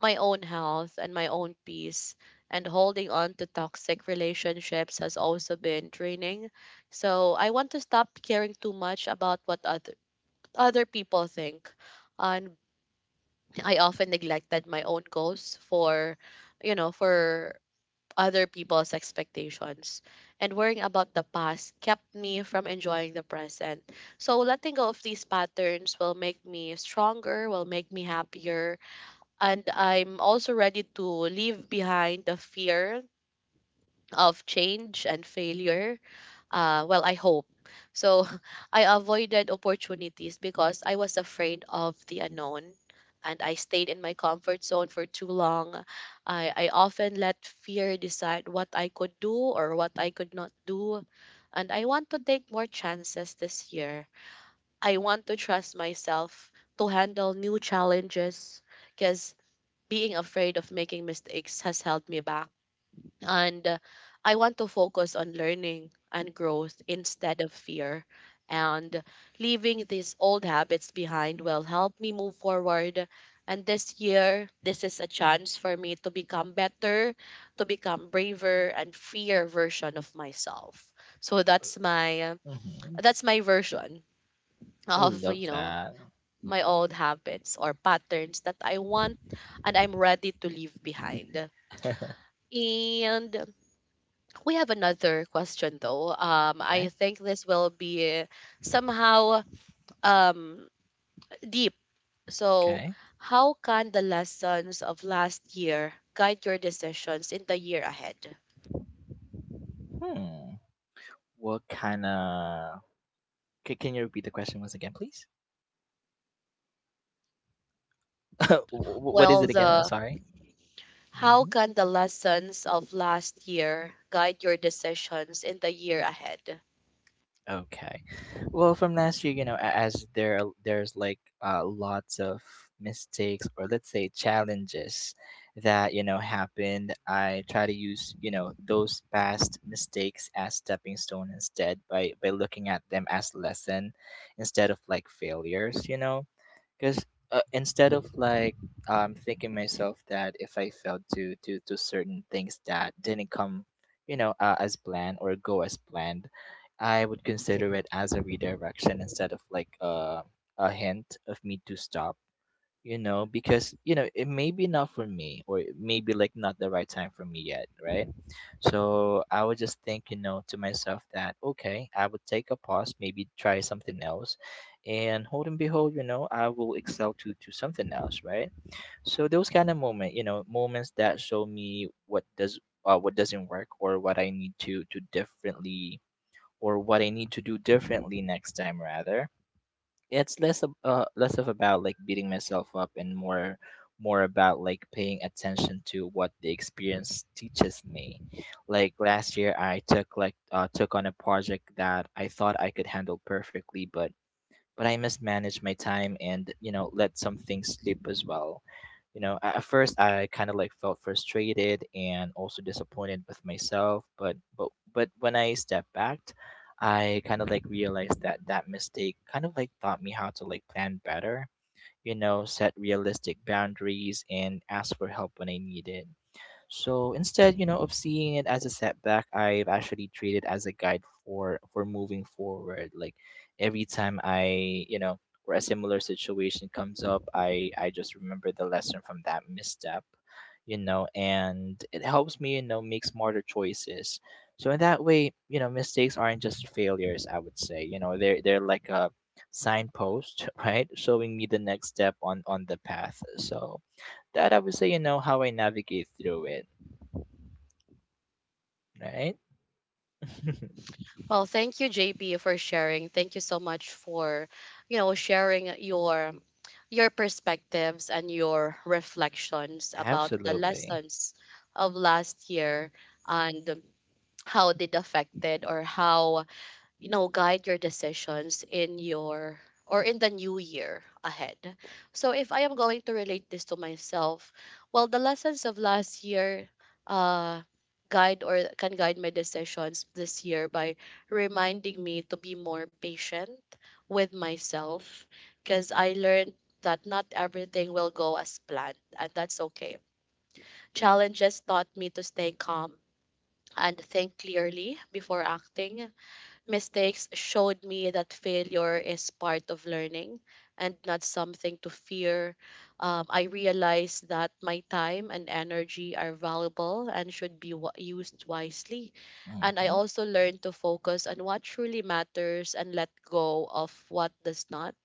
A: my own health and my own peace. And holding on to toxic relationships has also been draining. So I want to stop caring too much about what other people think. And I often neglected my own goals for, you know for other people's expectations. And worrying about the past kept me from enjoying the present. So letting go of these patterns will make me stronger, will make me happier. And I'm also ready to leave behind the fear of change and failure, well, I hope. So [LAUGHS] I avoided opportunities because I was afraid of the unknown, and I stayed in my comfort zone for too long. I often let fear decide what I could do or what I could not do. And I want to take more chances this year. I want to trust myself to handle new challenges because being afraid of making mistakes has held me back. And I want to focus on learning and growth instead of fear. And leaving these old habits behind will help me move forward. And this year, this is a chance for me to become better, to become braver and freer version of myself. So that's my
B: Mhm.
A: version
B: I
A: of,
B: love that.
A: my old habits or patterns that I want and I'm ready to leave behind.
B: [LAUGHS]
A: And we have another question though. I
B: Okay.
A: think this will be somehow um, deep. So,
B: Okay.
A: how can the lessons of last year guide your decisions in the year ahead?
B: Hmm. What kind of? Can you repeat the question once again, please? [LAUGHS] What is
A: Well,
B: it again? I'm
A: the
B: sorry.
A: how
B: Hmm.
A: can the lessons of last year guide your decisions in the year ahead?
B: Okay. Well, from last year, you know, there's like lots of mistakes, or, let's say, challenges that, you know, happened. I try to use, you know, those past mistakes as stepping stone instead, by looking at them as lesson instead of like failures. You know, because, instead of like thinking myself that if I failed to certain things that didn't come as planned, or go as planned, I would consider it as a redirection instead of like, a hint of me to stop, you know, because, you know, it may be not for me, or it may be like not the right time for me yet, right? So I would just think, you know, to myself that, okay, I would take a pause, maybe try something else. And hold and behold, you know, I will excel to something else, right? So those kind of moments that show me what does what doesn't work or what I need to differently or what I need to do differently next time rather. It's less of about like beating myself up and more about like paying attention to what the experience teaches me. Like last year I took took on a project that I thought I could handle perfectly, but I must manage my time and you know let some things slip as well. You know, at first I kind of like felt frustrated and also disappointed with myself, but but when I stepped back, I kind of like realized that that mistake kind of like taught me how to like plan better. You know, set realistic boundaries and ask for help when I need it. So instead, you know, of seeing it as a setback, I've actually treated as a guide for moving forward. Like Every time or a similar situation comes up, I just remember the lesson from that misstep, you know, and it helps me, you know, make smarter choices. So in that way, you know, mistakes aren't just failures, I would say. You know, they're like a signpost, [LAUGHS] right? Showing me the next step on the path. So that I would say, you know, how I navigate through it. Right?
A: Well, thank you, JP, for sharing. Thank you so much for, sharing your perspectives and your reflections about the
B: Absolutely.
A: lessons of last year, and how it affected or how guide your decisions in your or in the new year ahead. So if I am going to relate this to myself, well, the lessons of last year uh guide or can guide my decisions this year by reminding me to be more patient with myself, because I learned that not everything will go as planned, and that's okay. Challenges taught me to stay calm and think clearly before acting. Mistakes showed me that failure is part of learning and not something to fear. I realized that my time and energy are valuable and should be used wisely. And I
B: Hmm.
A: also learned to focus on what truly matters and let go of what does not.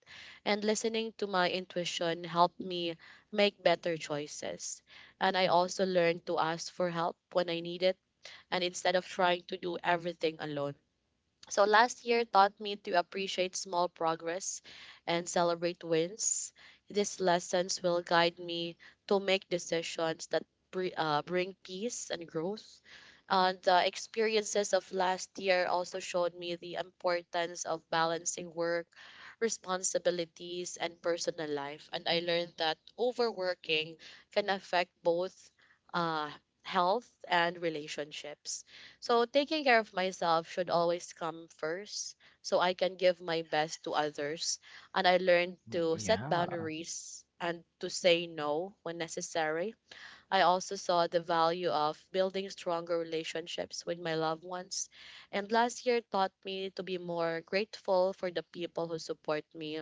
A: And listening to my intuition helped me make better choices. And I also learned to ask for help when I need it, and instead of trying to do everything alone. So last year taught me to appreciate small progress and celebrate wins. These lessons will guide me to make decisions that bring peace and growth. And the experiences of last year also showed me the importance of balancing work, responsibilities, and personal life. And I learned that overworking can affect both uh, health and relationships. So taking care of myself should always come first, so I can give my best to others. And I learned to set
B: Yeah.
A: boundaries and to say no when necessary. I also saw the value of building stronger relationships with my loved ones. And last year taught me to be more grateful for the people who support me.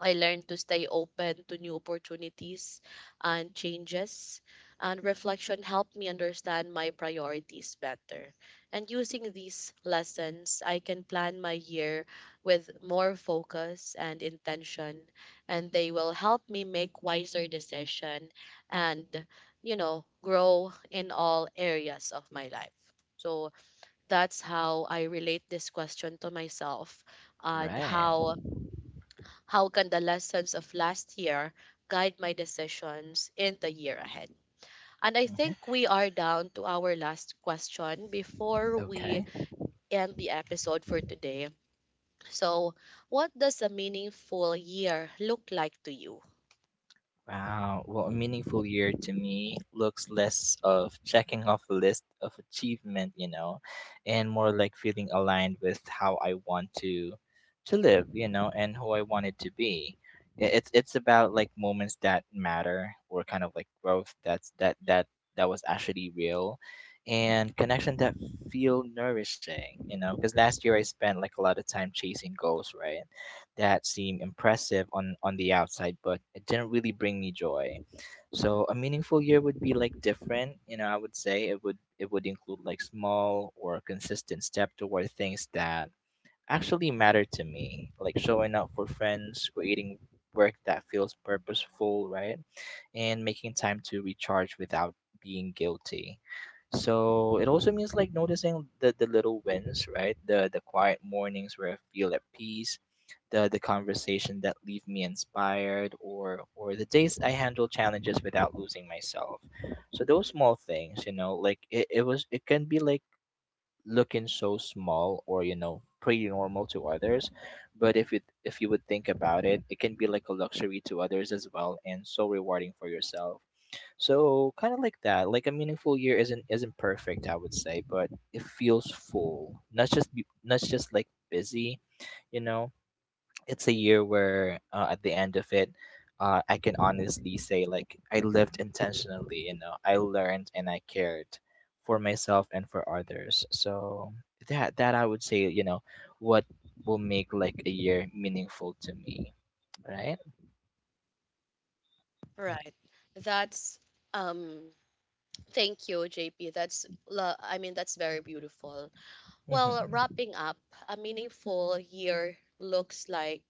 A: I learned to stay open to new opportunities and changes. And reflection helped me understand my priorities better. And using these lessons, I can plan my year with more focus and intention, and they will help me make wiser decision and, grow in all areas of my life. So that's how I relate this question to myself, and
B: Right.
A: how can the lessons of last year guide my decisions in the year ahead? And I
B: Hmm.
A: think we are down to our last question before we
B: Okay.
A: end the episode for today. So, what does a meaningful year look like to you?
B: Wow. Well, a meaningful year to me looks less of checking off a list of achievement, you know, and more like feeling aligned with how I want to live, you know, and who I want it to be. It's about like moments that matter or kind of like growth that that was actually real, and connection that feel nourishing, you know, because last year I spent like a lot of time chasing goals, right? That seemed impressive on the outside, but it didn't really bring me joy. So a meaningful year would be like different. You know, I would say it would include like small or consistent step toward things that actually matter to me, like showing up for friends, creating work that feels purposeful, right? And making time to recharge without being guilty. So it also means like noticing the little wins, right? The quiet mornings where I feel at peace, the conversation that leave me inspired, or the days I handle challenges without losing myself. So those small things, you know, like it was it can be like looking so small or you know pretty normal to others, but if it if you would think about it it can be like a luxury to others as well, and so rewarding for yourself. So kind of like that, like a meaningful year isn't perfect I would say, but it feels full, not just like busy, you know. It's a year where at the end of it, I can honestly say like I lived intentionally, you know, I learned and I cared for myself and for others. So that I would say, you know, what will make like a year meaningful to me. Right?
A: Right. That's um thank you, JP. That's I mean, that's very beautiful. Well,
B: Mm-hmm.
A: wrapping up, a meaningful year looks like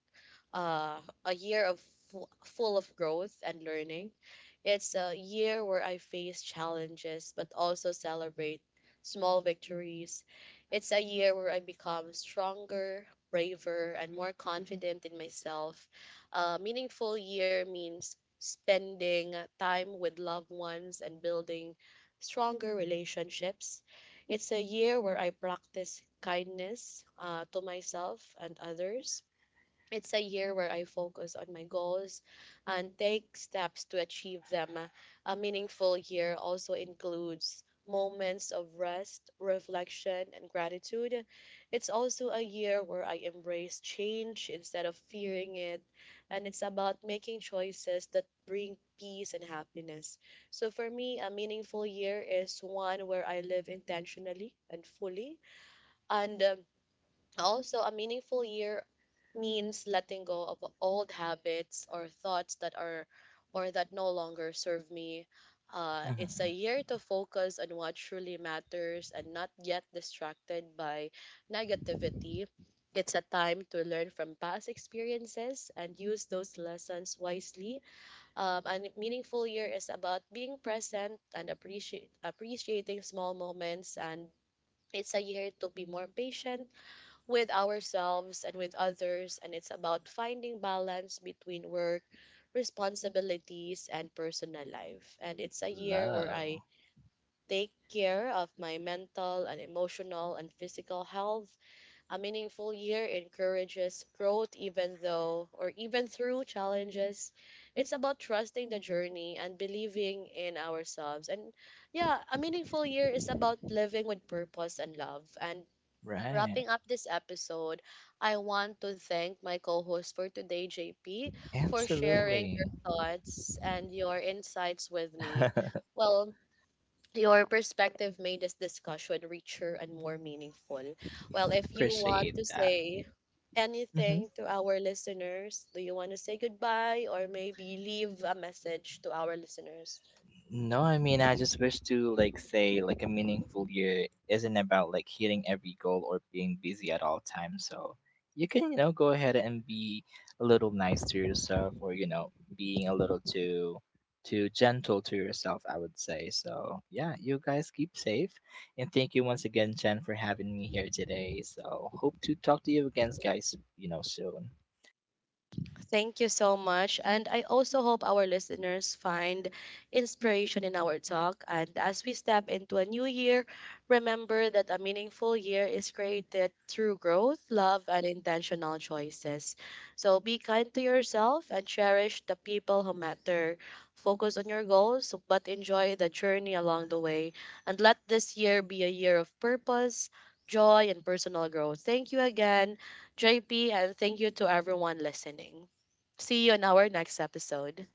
A: a year of full of growth and learning. It's a year where I face challenges but also celebrate small victories. It's a year where I become stronger, braver, and more confident in myself. A meaningful year means spending time with loved ones and building stronger relationships. It's a year where I practice kindness to myself and others. It's a year where I focus on my goals and take steps to achieve them. A meaningful year also includes moments of rest, reflection, and gratitude. It's also a year where I embrace change instead of fearing it, and it's about making choices that bring peace and happiness. So for me, a meaningful year is one where I live intentionally and fully. And also a meaningful year means letting go of old habits or thoughts that are or that no longer serve me. It's a
B: Mm-hmm.
A: year to focus on what truly matters and not get distracted by negativity. It's a time to learn from past experiences and use those lessons wisely. And meaningful year is about being present and appreciate appreciating small moments, and it's a year to be more patient with ourselves and with others, and it's about finding balance between work, responsibilities, and personal life. And it's a year where
B: Love.
A: I take care of my mental and emotional and physical health. A meaningful year encourages growth, even though or even through challenges. It's about trusting the journey and believing in ourselves. And yeah, a meaningful year is about living with purpose and love. And
B: Right.
A: wrapping up this episode, I want to thank my co host for today, JP, for sharing
B: Absolutely.
A: your thoughts and your insights with me.
B: [LAUGHS]
A: Well, your perspective made this discussion richer and more meaningful. Well, if you want
B: Appreciate
A: to
B: that.
A: say
B: Mhm.
A: anything to our listeners, do you want to say goodbye or maybe leave a message to our listeners?
B: No, I mean, I just wish to like say like a meaningful year isn't about like hitting every goal or being busy at all times. So you can, you know, go ahead and be a little nice to yourself, or, you know, being a little too gentle to yourself, I would say. So yeah, you guys keep safe. And thank you once again, Jen, for having me here today. So hope to talk to you again, guys, you know, soon.
A: Thank you so much. And I also hope our listeners find inspiration in our talk. And as we step into a new year, remember that a meaningful year is created through growth, love, and intentional choices. So be kind to yourself and cherish the people who matter. Focus on your goals, but enjoy the journey along the way. And let this year be a year of purpose, joy, and personal growth. Thank you again. JP, and thank you to everyone listening. See you on our next episode.